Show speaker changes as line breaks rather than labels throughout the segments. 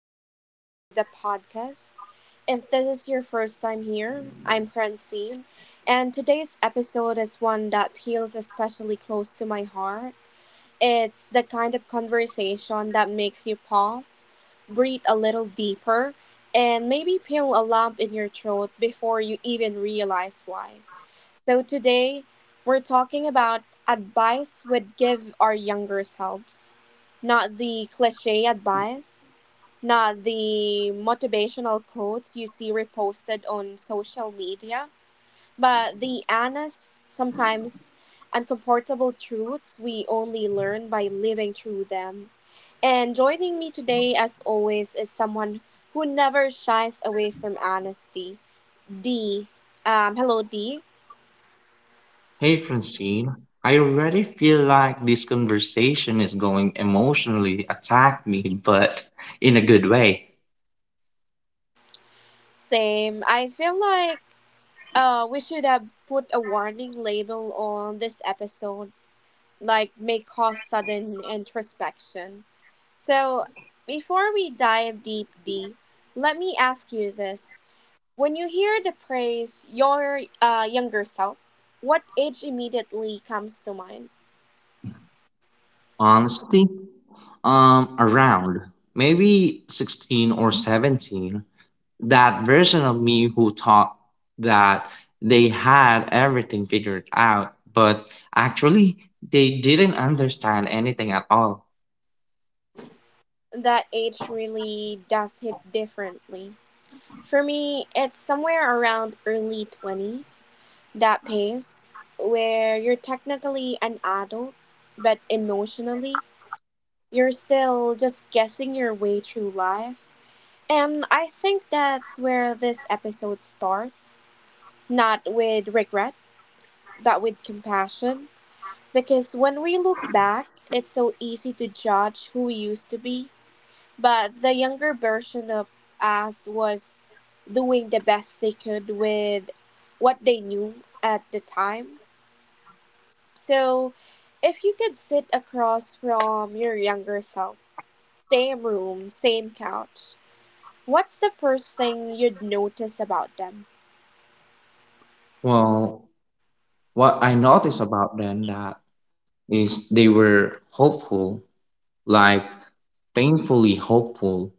welcome back to the podcast. If this is your first time here, I'm Francine, and today's episode is one that feels especially close to my heart. It's the kind of conversation that makes you pause, breathe a little deeper, and maybe feel a lump in your throat before you even realize why. So, today we're talking about advice we'd give our younger selves. Not the cliche advice, not the motivational quotes you see reposted on social media, but the honest, sometimes uncomfortable truths we only learn by living through them. And joining me today, as always, is someone who never shies away from honesty. D. Hello, D.
Hey Francine, I already feel like this conversation is going emotionally attack me, but in a good way.
Same. I feel like we should have put a warning label on this episode, like may cause sudden introspection. So, before we dive deep, D, let me ask you this. When you hear the phrase your younger self, what age immediately comes to mind?
Honesty, around maybe 16 or 17, that version of me who thought that they had everything figured out, but actually they didn't understand anything at all.
That age really does hit differently. For me, it's somewhere around early 20s, that pace where you're technically an adult, but emotionally, you're still just guessing your way through life. And I think that's where this episode starts. Not with regret, but with compassion. Because when we look back, it's so easy to judge who we used to be. But the younger version of us was doing the best they could with what they knew at the time. So if you could sit across from your younger self, same room, same couch, what's the first thing you'd notice about them?
Well, what I noticed about them that is they were hopeful, like painfully hopeful.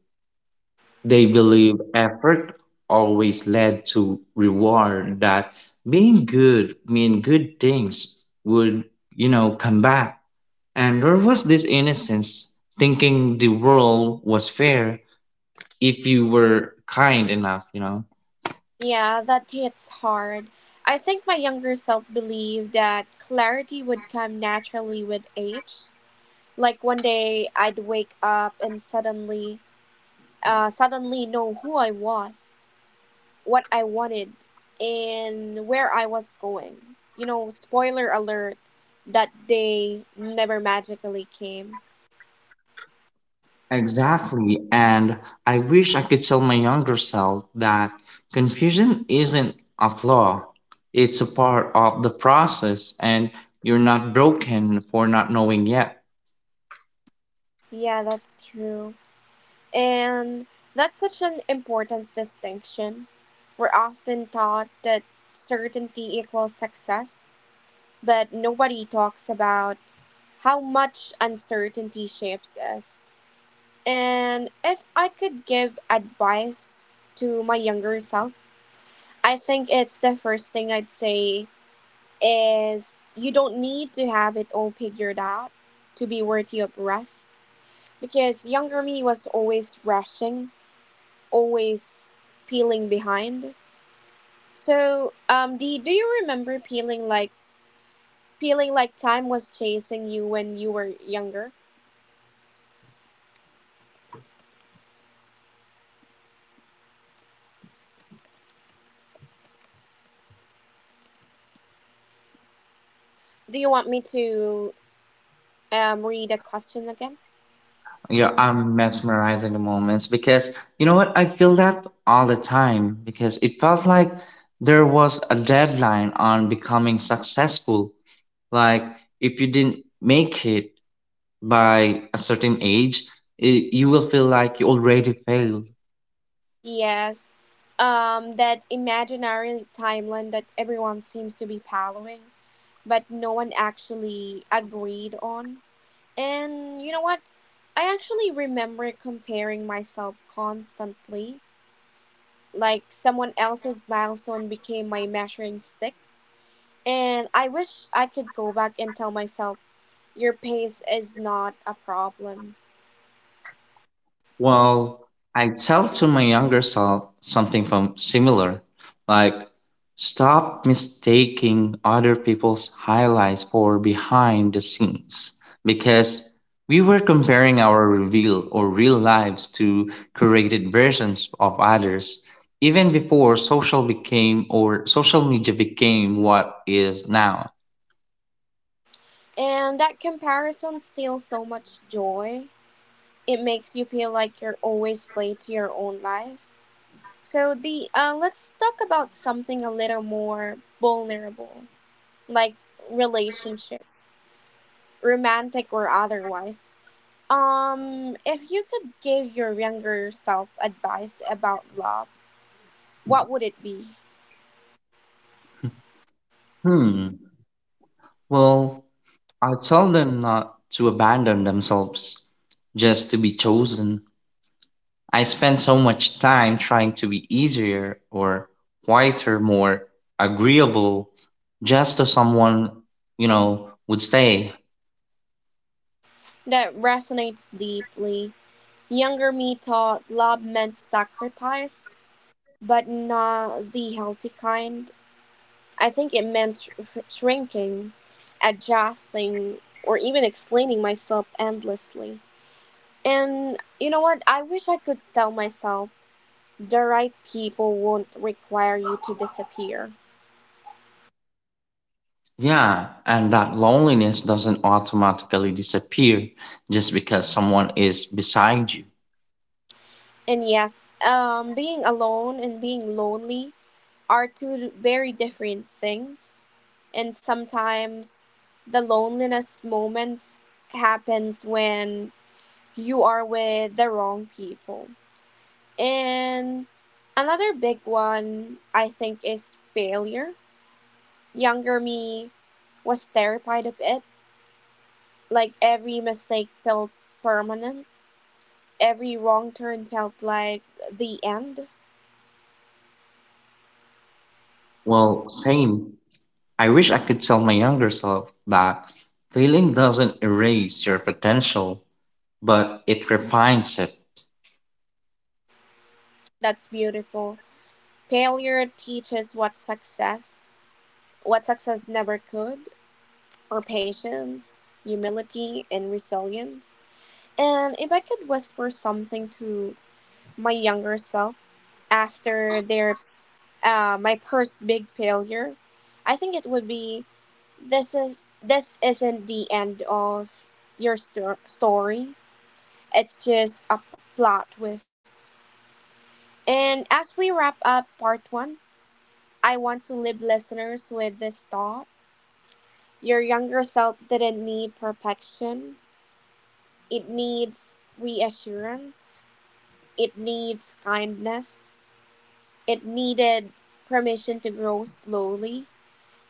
They believe effort always led to reward, that being good, mean good things would, come back. And there was this innocence thinking the world was fair if you were kind enough.
Yeah, that hits hard. I think my younger self believed that clarity would come naturally with age, like one day I'd wake up and suddenly know who I was, what I wanted, and where I was going. You know, spoiler alert, that day never magically came.
Exactly. And I wish I could tell my younger self that confusion isn't a flaw, it's a part of the process, and you're not broken for not knowing yet.
Yeah, that's true. And that's such an important distinction. We're often taught that certainty equals success, but nobody talks about how much uncertainty shapes us. And if I could give advice to my younger self, I think it's the first thing I'd say is you don't need to have it all figured out to be worthy of rest. Because younger me was always rushing, always peeling behind. So, Dee, do you remember peeling like time was chasing you when you were younger? Do you want me to read a question again?
Yeah, I'm mesmerizing the moments because you know what? I feel that all the time because it felt like there was a deadline on becoming successful. Like, if you didn't make it by a certain age, it, you will feel like you already failed.
Yes. That imaginary timeline that everyone seems to be following, but no one actually agreed on. And you know what? I actually remember comparing myself constantly. Like someone else's milestone became my measuring stick. And I wish I could go back and tell myself, your pace is not a problem.
Well, I tell to my younger self something from similar, like stop mistaking other people's highlights for behind the scenes because we were comparing our reveal or real lives to curated versions of others even before social became or social media became what is now.
And that comparison steals so much joy. It makes you feel like you're always late to your own life. So the let's talk about something a little more vulnerable, like relationship, romantic or otherwise. If you could give your younger self advice about love, what would it be?
Hmm. Well, I tell them not to abandon themselves, just to be chosen. I spend so much time trying to be easier or quieter, more agreeable, just so someone would stay.
That resonates deeply. Younger me thought love meant sacrifice, but not the healthy kind. I think it meant shrinking, adjusting, or even explaining myself endlessly. And you know what? I wish I could tell myself the right people won't require you to disappear.
Yeah, and that loneliness doesn't automatically disappear just because someone is beside you.
And yes, being alone and being lonely are two very different things. And sometimes the loneliness moments happens when you are with the wrong people. And another big one I think is failure. Younger me was terrified of it. Like every mistake felt permanent. Every wrong turn felt like the end.
Well, same. I wish I could tell my younger self that failing doesn't erase your potential but it refines it.
That's beautiful. Failure teaches what success never could, or patience, humility, and resilience. And if I could whisper something to my younger self after their my first big failure, I think it would be this isn't the end of your story. It's just a plot twist. And as we wrap up part one, I want to leave listeners with this thought: your younger self didn't need perfection. It needs reassurance. It needs kindness. It needed permission to grow slowly.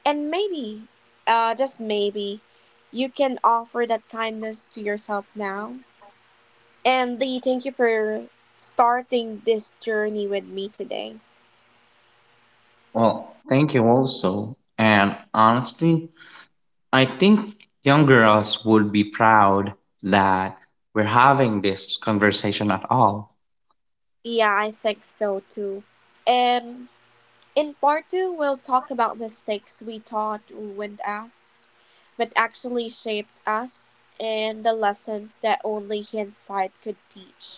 And maybe, just maybe, you can offer that kindness to yourself now. And Lee, thank you for starting this journey with me today.
Well, thank you also. And honestly, I think younger us would be proud that we're having this conversation at all.
Yeah, I think so too. And in part two, we'll talk about mistakes we thought ruined us, but actually shaped us, and the lessons that only hindsight could teach.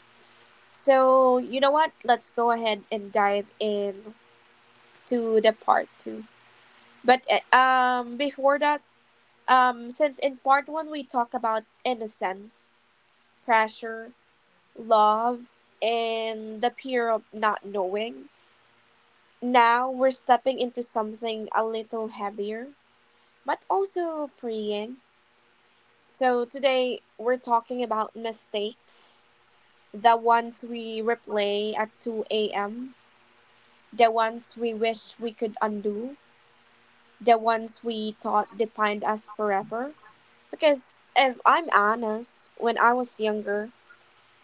So, you know what? Let's go ahead and dive in to the part two. But before that, since in part one we talk about innocence, pressure, love, and the fear of not knowing, now we're stepping into something a little heavier, but also freeing. So today we're talking about mistakes, the ones we replay at 2 a.m., the ones we wish we could undo, the ones we thought defined us forever. Because if I'm honest, when I was younger,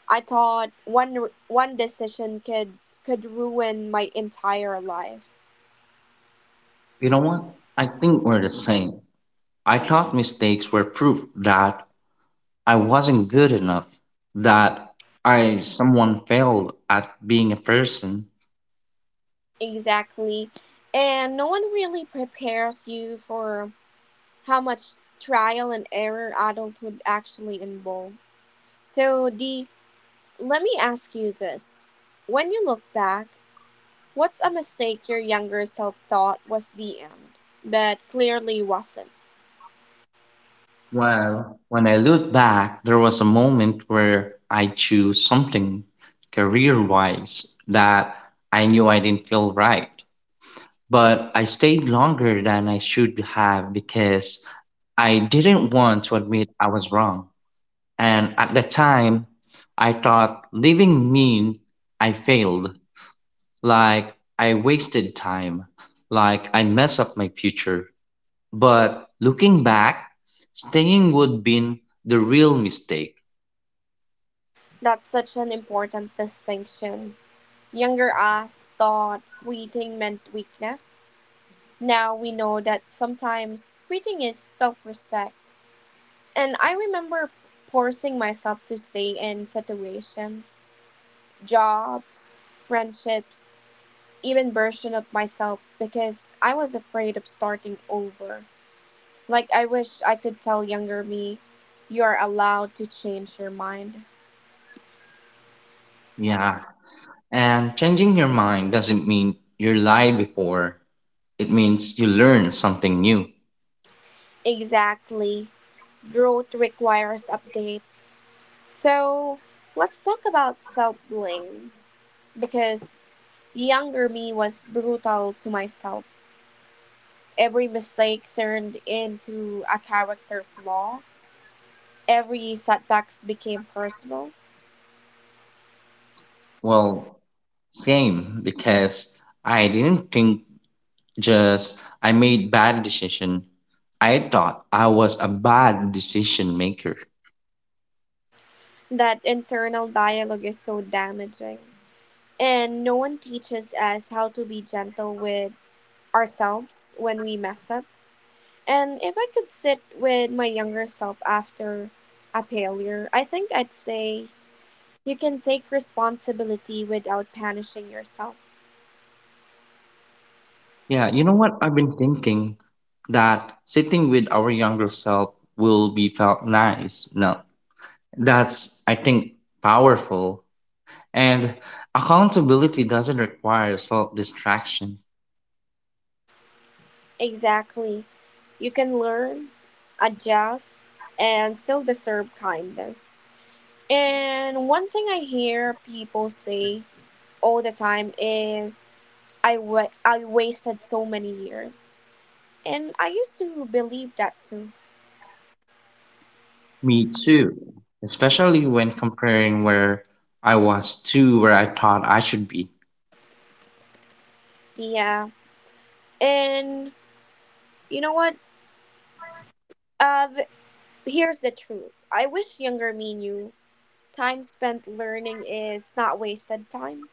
I thought one decision could ruin my entire life.
You know what? I think we're the same. I thought mistakes were proof that I wasn't good enough, that I someone failed at being a person.
Exactly. And no one really prepares you for how much trial and error adulthood actually involve. So, Dee, let me ask you this. When you look back, what's a mistake your younger self thought was the end, but clearly wasn't?
Well, when I look back, there was a moment where I chose something career wise that I knew I didn't feel right. But I stayed longer than I should have because I didn't want to admit I was wrong. And at the time, I thought leaving mean I failed, like I wasted time, like I messed up my future. But looking back, staying would been the real mistake.
That's such an important distinction. Younger us thought quitting meant weakness. Now we know that sometimes quitting is self respect. And I remember forcing myself to stay in situations, jobs, friendships, even version of myself because I was afraid of starting over. Like I wish I could tell younger me, you are allowed to change your mind.
Yeah. And changing your mind doesn't mean you lied before. It means you learn something new.
Exactly. Growth requires updates. So let's talk about self blame because younger me was brutal to myself. Every mistake turned into a character flaw, every setbacks became personal.
Well, same because I didn't think just I made bad decision. I thought I was a bad decision maker.
That internal dialogue is so damaging. And no one teaches us how to be gentle with ourselves when we mess up. And if I could sit with my younger self after a failure, I think I'd say you can take responsibility without punishing yourself.
Yeah, you know what I've been thinking that sitting with our younger self will be felt nice. No, that's, I think, powerful. And accountability doesn't require self distraction.
Exactly. You can learn, adjust, and still deserve kindness. And one thing I hear people say all the time is, I wasted so many years. And I used to believe that too.
Me too. Especially when comparing where I was to where I thought I should be.
Yeah. And you know what? Uh, th- Here's the truth. I wish younger me knew time spent learning is not wasted time,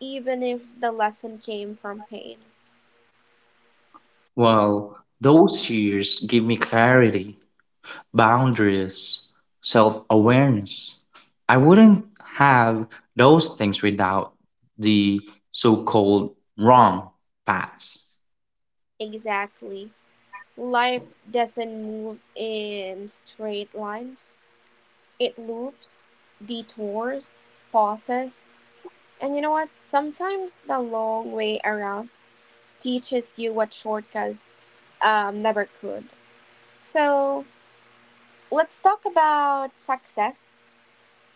even if the lesson came from pain.
Well, those years gave me clarity, boundaries, self awareness. I wouldn't have those things without the so called wrong paths.
Exactly. Life doesn't move in straight lines, it loops, detours, pauses. And you know what? Sometimes the long way around teaches you what shortcuts never could. So let's talk about success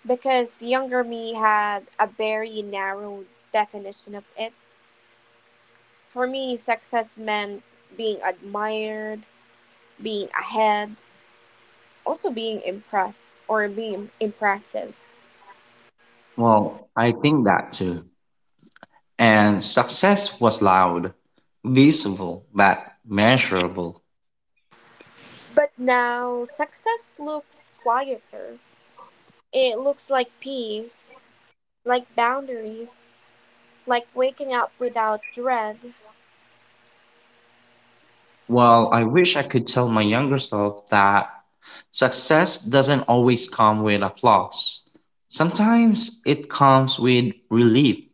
because younger me had a very narrow definition of it. For me, success meant being admired, being ahead, also being impressed or being impressive.
Well, I think that too. And success was loud, visible, but measurable.
But now success looks quieter. It looks like peace, like boundaries, like waking up without dread.
Well, I wish I could tell my younger self that success doesn't always come with applause. Sometimes it comes with relief,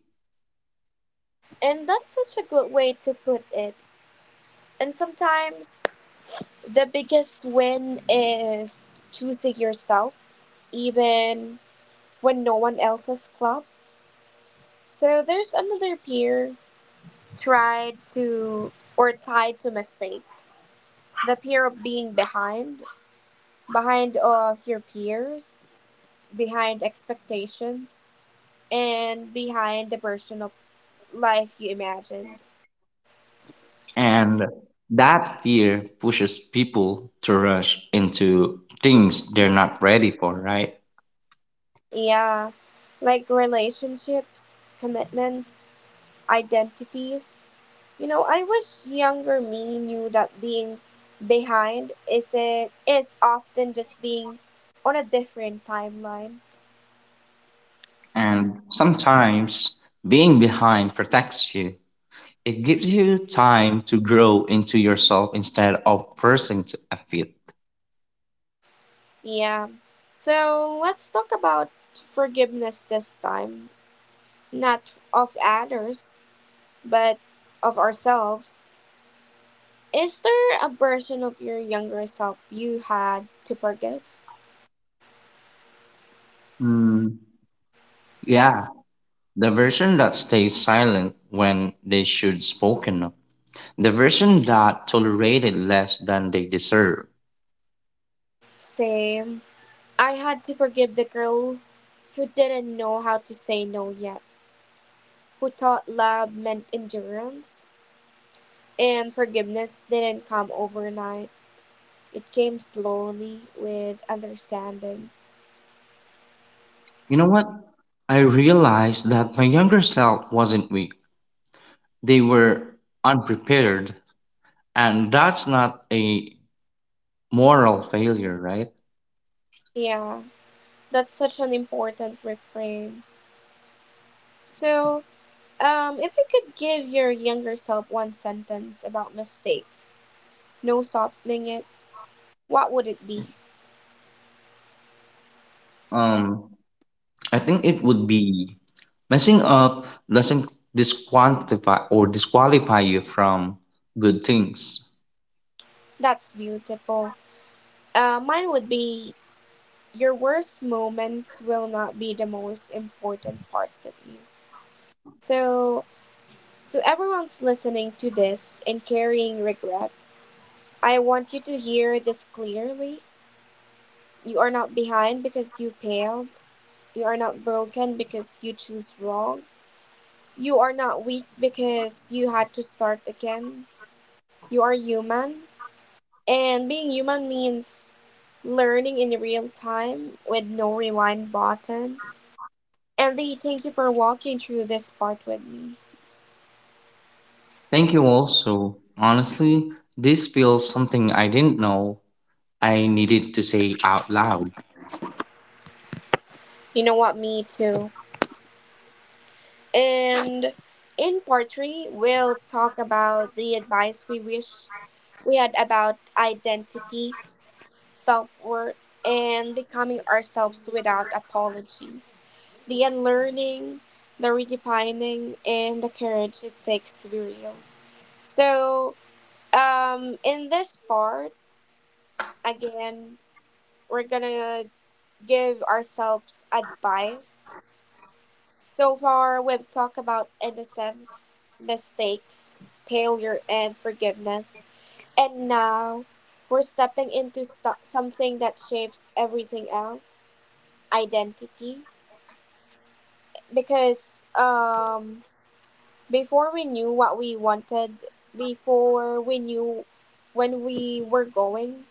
And that's such a good way to put it. And sometimes the biggest win is choosing yourself, even when no one else has clapped. So there's another peer tried to or tied to mistakes. The fear of being behind, behind your peers, behind expectations, and behind the version of life you imagined.
and that fear pushes people to rush into things they're not ready for, right?
Yeah, like relationships, commitments, identities. You know, I wish younger me knew that being behind is it is often just being on a different timeline.
And sometimes being behind protects you. It gives you time to grow into yourself instead of a fit.
Yeah. So let's talk about forgiveness this time, not of others, but of ourselves. Is there a version of your younger self you had to forgive?
Mm, yeah, the version that stays silent when they should spoken up. The version that tolerated less than they deserve.
Same. I had to forgive the girl who didn't know how to say no yet, who thought love meant endurance, and forgiveness didn't come overnight. It came slowly with understanding.
You know what? I realized that my younger self wasn't weak. They were unprepared, and that's not a moral failure, right?
Yeah, that's such an important reframe. So, if you could give your younger self one sentence about mistakes, no softening it, what would it be?
Um, I think it would be messing up doesn't disqualify you from good things.
That's beautiful. Mine would be your worst moments will not be the most important parts of you. So, to everyone's listening to this and carrying regret, I want you to hear this clearly. You are not behind because you failed. You are not broken because you choose wrong. You are not weak because you had to start again. You are human, and being human means learning in real time with no rewind button. And they thank you for walking through this part with me.
Thank you also. Honestly, this feels something I didn't know I needed to say out loud.
You know what? Me too. And in part three, we'll talk about the advice we wish we had about identity, self worth, and becoming ourselves without apology. The unlearning, the redefining, and the courage it takes to be real. So, in this part, again, we're gonna give ourselves advice. So far, we've talked about innocence, mistakes, failure, and forgiveness. And now, we're stepping into something that shapes everything else, identity. Because before we knew what we wanted, before we knew when we were going,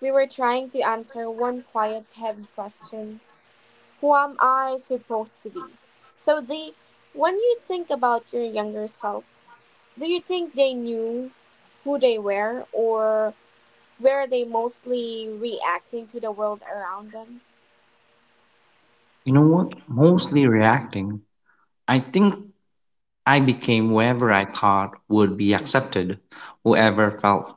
we were trying to answer one quiet, heavy question: who am I supposed to be? So, they, when you think about your younger self, do you think they knew who they were, or were they mostly reacting to the world around them?
You know what? Mostly reacting. I think I became whoever I thought would be accepted, whoever felt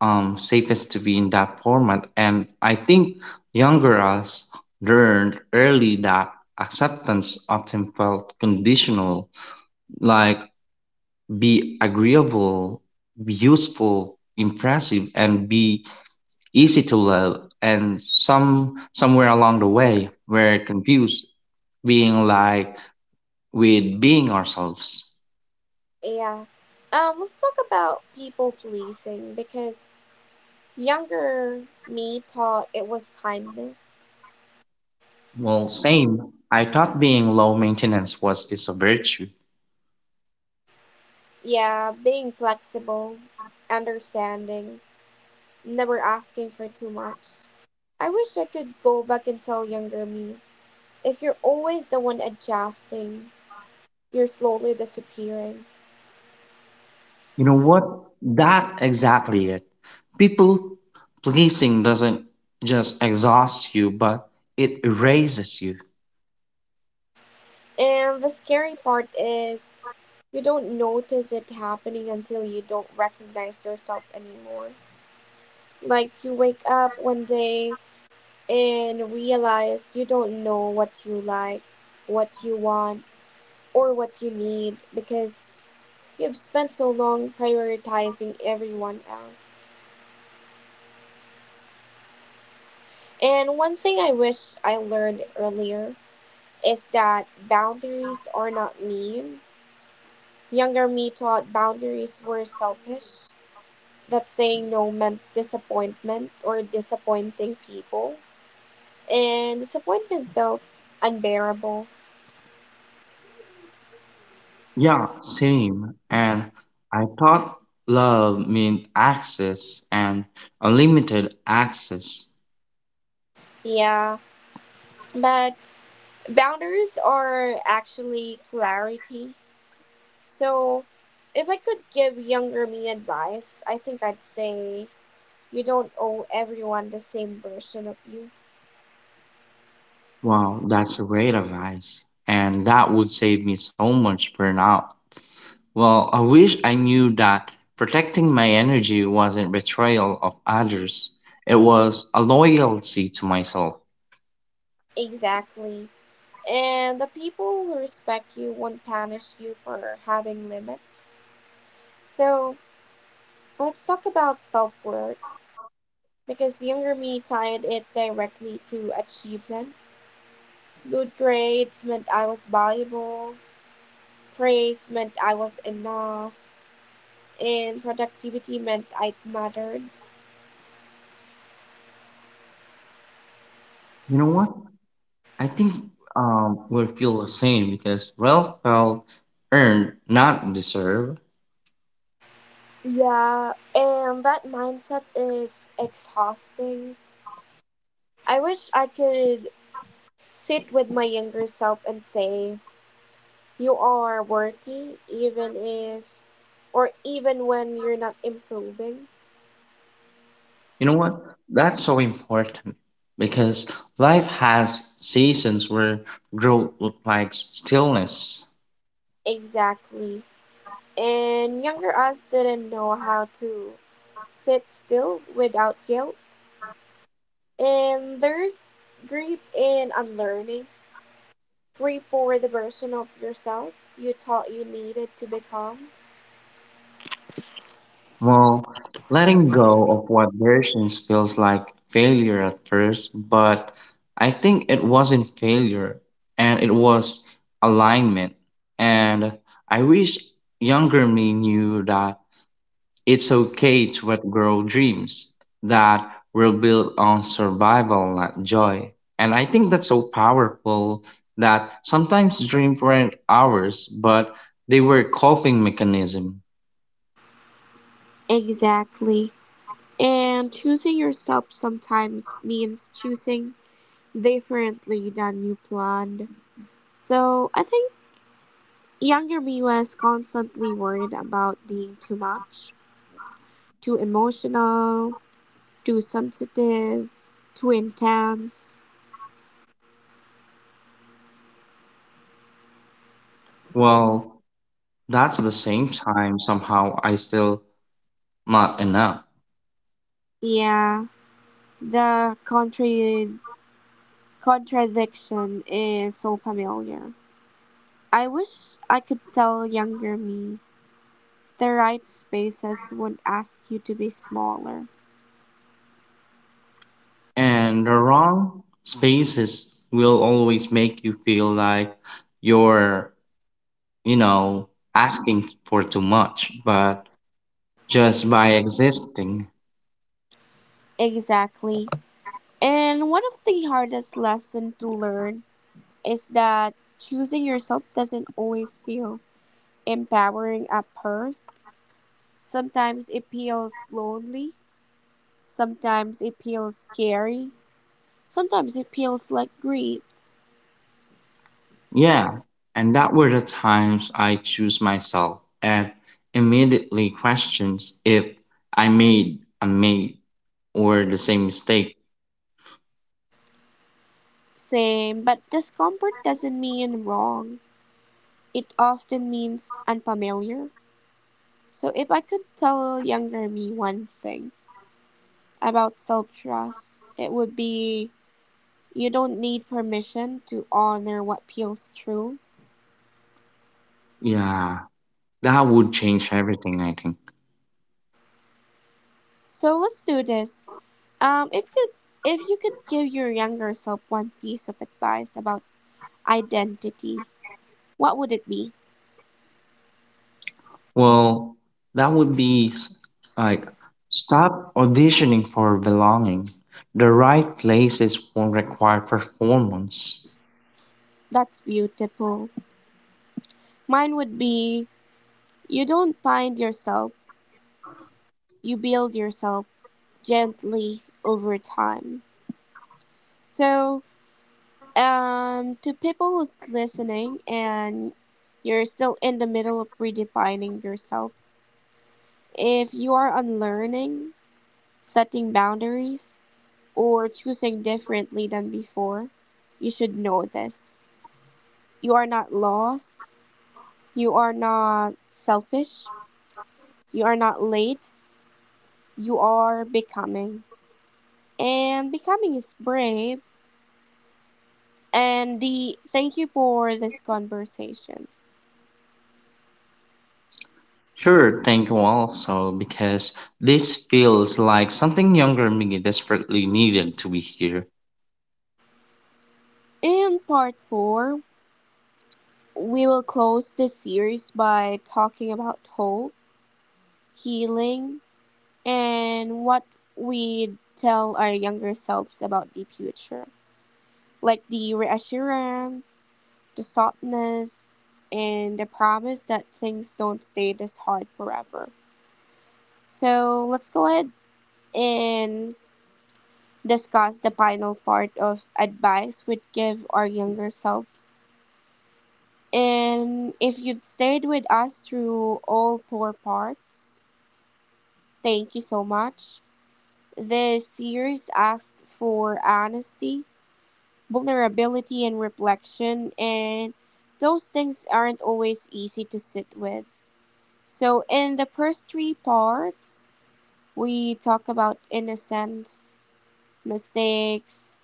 safest to be in that format. And I think younger us learned early that acceptance often felt conditional, like be agreeable, be useful, impressive, and be easy to love. And somewhere along the way, we're confused being like with being ourselves.
Yeah. Let's talk about people pleasing because younger me thought it was kindness.
Well, same. I thought being low maintenance was is a virtue.
Yeah, being flexible, understanding, never asking for too much. I wish I could go back and tell younger me. If you're always the one adjusting, you're slowly disappearing.
You know what? That exactly it. People pleasing doesn't just exhaust you, but it erases you.
And the scary part is, you don't notice it happening until you don't recognize yourself anymore. Like you wake up one day and realize you don't know what you like, what you want, or what you need because you've spent so long prioritizing everyone else. And one thing I wish I learned earlier is that boundaries are not mean. Younger me thought boundaries were selfish, that saying no meant disappointment or disappointing people. And disappointment felt unbearable.
Yeah, same. And I thought love meant access and unlimited access.
Yeah, but boundaries are actually clarity. So if I could give younger me advice, I think I'd say you don't owe everyone the same version of you.
Wow, that's a great advice. And that would save me so much burnout. Well, I wish I knew that protecting my energy wasn't betrayal of others. It was a loyalty to myself.
Exactly. And the people who respect you won't punish you for having limits. So let's talk about self worth because younger me tied it directly to achievement. Good grades meant I was valuable, praise meant I was enough, and productivity meant I mattered.
You know what? I think we feel the same because well felt earned, not deserved.
Yeah, and that mindset is exhausting. I wish I could sit with my younger self and say, you are worthy even if or even when you're not improving.
You know what? That's so important because life has seasons where growth looks like stillness.
Exactly. And younger us didn't know how to sit still without guilt, and there's grief in unlearning, grief for the version of yourself you thought you needed to become.
Well, letting go of what versions feels like failure at first, but I think it wasn't failure and it was alignment. And I wish younger me knew that it's okay to let grow dreams that were built on survival, not joy. And I think that's so powerful that sometimes dreams weren't ours, but they were coping mechanism.
Exactly. And choosing yourself sometimes means choosing differently than you planned. So I think younger me was constantly worried about being too much, too emotional, too sensitive, too intense.
Well, that's the same time somehow I still not enough.
Yeah, the contradiction is so familiar. I wish I could tell younger me the right spaces would ask you to be smaller.
And the wrong spaces will always make you feel like you're, you know, asking for too much, but just by existing.
Exactly. And one of the hardest lessons to learn is that choosing yourself doesn't always feel empowering a purse. Sometimes it feels lonely. Sometimes it feels scary. Sometimes it feels like grief.
Yeah. And that were the times I choose myself and immediately questions if I made a mate or the same mistake.
Same, but discomfort doesn't mean wrong. It often means unfamiliar. So if I could tell younger me one thing about self trust, it would be you don't need permission to honor what feels true.
Yeah. That would change everything, I think.
So let's do this. If you if you could give your younger self one piece of advice about identity, what would it be?
Well, that would be like stop auditioning for belonging. The right places won't require performance.
That's beautiful. Mine would be you don't find yourself, you build yourself gently over time. So, to people who's listening and you're still in the middle of redefining yourself, if you are unlearning, setting boundaries, or choosing differently than before, you should know this. You are not lost. You are not selfish. You are not late. You are becoming. And becoming is brave. And the thank you for this conversation.
Sure, thank you also, because this feels like something younger me desperately needed to be here.
In part four, we will close this series by talking about hope, healing, and what we tell our younger selves about the future, like the reassurance, the softness, and the promise that things don't stay this hard forever. So let's go ahead and discuss the final part of advice we'd give our younger selves. And if you've stayed with us through all four parts, thank you so much. This series asked for honesty, vulnerability and reflection, and those things aren't always easy to sit with. So in the first three parts we talk about innocence, mistakes,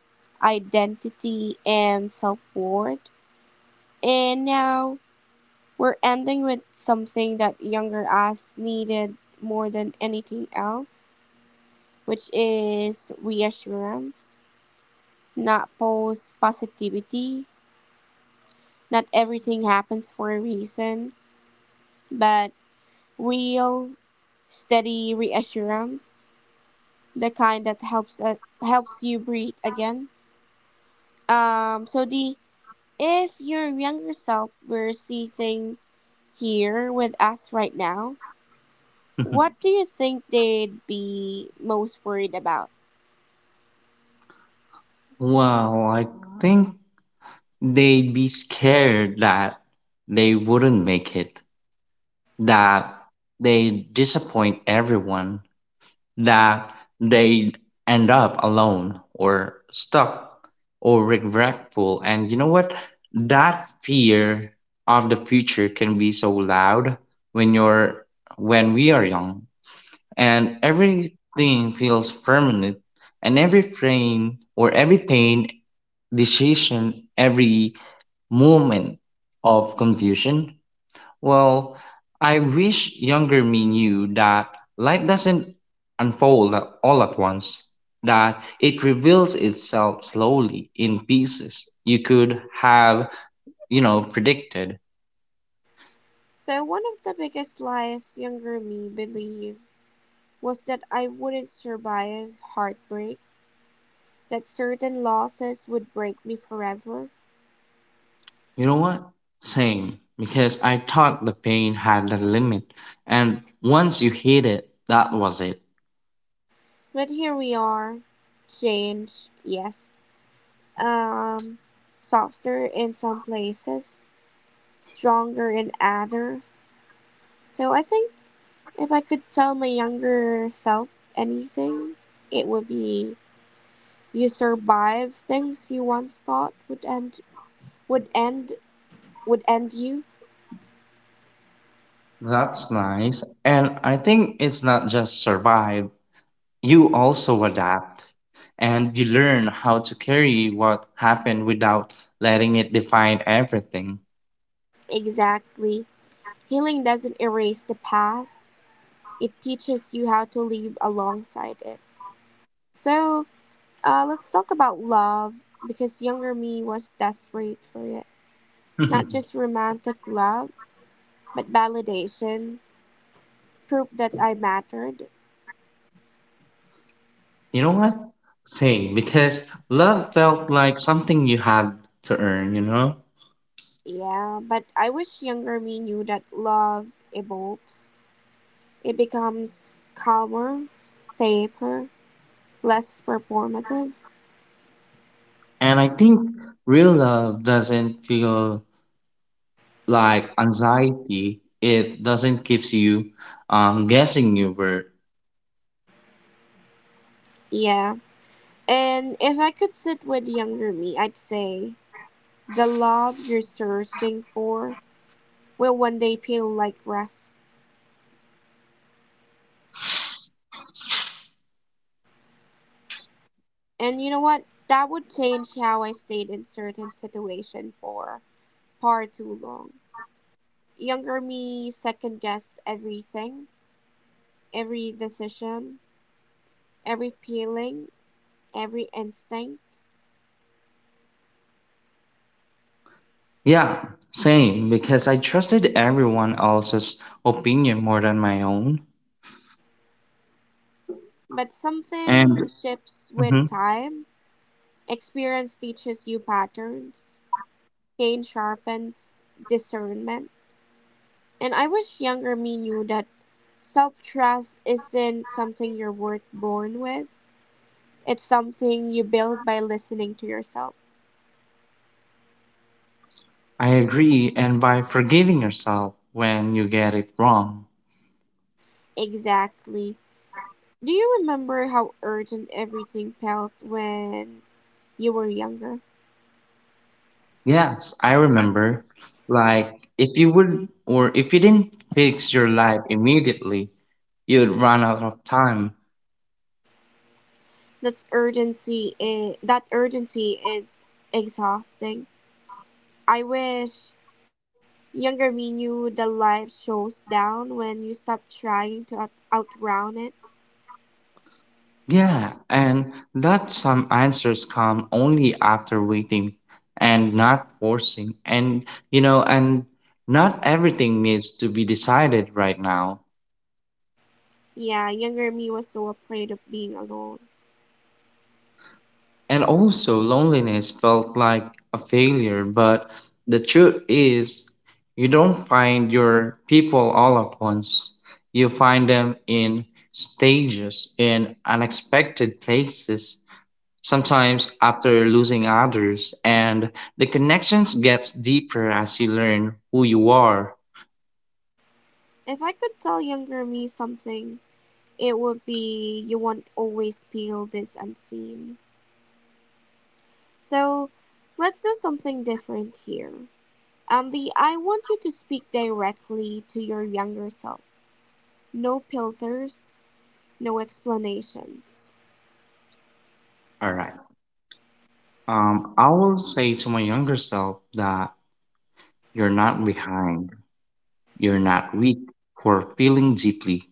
identity and self-worth, and now we're ending with something that younger us needed more than anything else, which is reassurance, not false positivity. Not everything happens for a reason, but real, steady reassurance, the kind that helps you breathe again. So the if your younger self were sitting here with us right now, what do you think they'd be most worried about?
Well, I think they'd be scared that they wouldn't make it, that they disappoint everyone, that they end up alone or stuck or regretful. And you know what? That fear of the future can be so loud when you're when we are young and everything feels permanent and every frame or every pain decision every moment of confusion. Well, I wish younger me knew that life doesn't all at once, that it reveals itself slowly in pieces you could have, you know, predicted.
So one of the biggest lies younger me believed was that I wouldn't survive heartbreak, that certain losses would break me forever.
You know what? Same, because I thought the pain had a limit, and once you hit it, that was it.
But here we are. Change, yes. Um, Softer in some places, stronger in others. So I think if I could tell my younger self anything, it would be you survive things you once thought would end would end you.
That's nice, and I think it's not just survive, you also adapt, and you learn how to carry what happened without letting it define everything.
Exactly. Healing doesn't erase the past. It teaches you how to live alongside it. So let's talk about love because younger me was desperate for it.
You
Not just romantic love, but validation, proof that I mattered.
know what? Same, because love felt like something you had to earn, you know?
Yeah, but I wish younger me knew that love evolves. It becomes calmer, safer, less performative.
And I think real love doesn't feel like anxiety, it doesn't keeps you guessing you were.
Yeah. And if I could sit with younger me, I'd say the love you're searching for will one day feel like rest. And you know what? That would change how I stayed in certain situations for far too long. Younger me second guessed everything, every decision, every feeling, every instinct.
Yeah, same, because I trusted everyone else's opinion more than my own.
But
And
something shifts with
mhm.
time. Experience teaches you patterns, pain sharpens discernment. And I wish younger me knew that self trust isn't something you're worth born with. It's something you build by listening to yourself.
I agree, and by forgiving yourself when you get it wrong.
Exactly. Do you remember how urgent everything felt when you were younger?
Yes, I remember. Like, if you would, or if you didn't fix your life immediately, you would run out of time.
That urgency is exhausting. I wish younger me knew the life shows down when you stop trying to outrun it.
Yeah, and that some answers come only after waiting and not forcing. And, you know, and not everything needs to be decided right now.
Yeah, younger me was so afraid of being alone.
And also, loneliness felt like a failure, but the truth is, you don't find your people all at once. You find them in stages, in unexpected places, sometimes after losing others, and the connections gets deeper as you learn who you are.
If I could tell younger me something, it would be you won't always feel this unseen. So, let's do something different here. Andy, I want you to speak directly to your younger self. No filters, no explanations.
All right. I will say to my younger self that you're not behind, you're not weak for feeling deeply.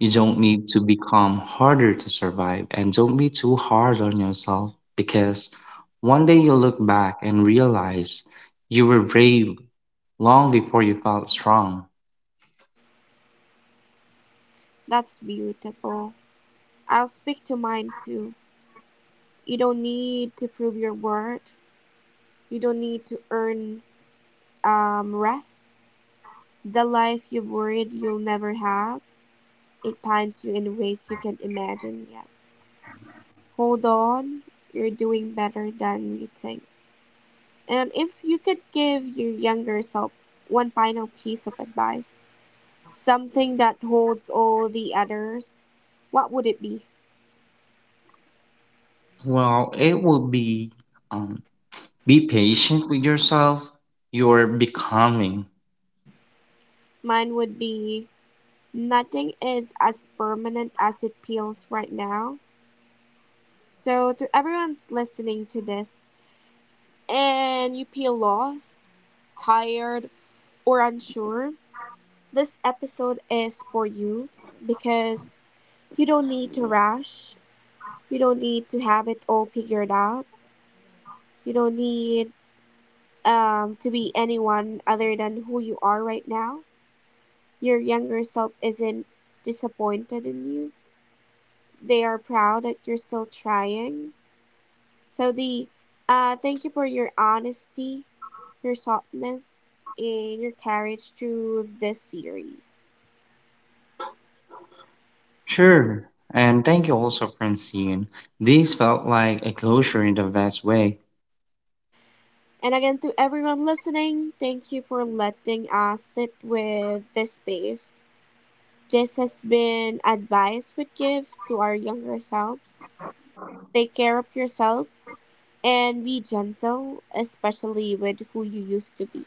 You don't need to become harder to survive and don't be too hard on yourself because one day you'll look back and realize you were brave long before you felt strong.
That's beautiful. I'll speak to mine too. You don't need to prove your worth. You don't need to earn rest. The life you've worried you'll never have, it pines you in ways you can't imagine yet. Hold on, you're doing better than you think. And if you could give your younger self one final piece of advice, something that holds all the others. What would it be?
Well, it will um, be patient with yourself. You're becoming.
Mine would be nothing is as permanent as it feels right now. So, to everyone's listening to this, and you feel lost, tired, or unsure, this episode is for you because you don't need to rush. You don't need to have it all figured out. You don't need to be anyone other than who you are right now. Your younger self isn't disappointed in you. They are proud that you're still trying. So the thank you for your honesty, your softness, and your courage through this series.
Sure. And thank you also, Francine. This felt like a closure in the best way.
And again, to everyone listening, thank you for letting us sit with this space. This has been advice we give to our younger selves. Take care of yourself and be gentle, especially with who you used to be.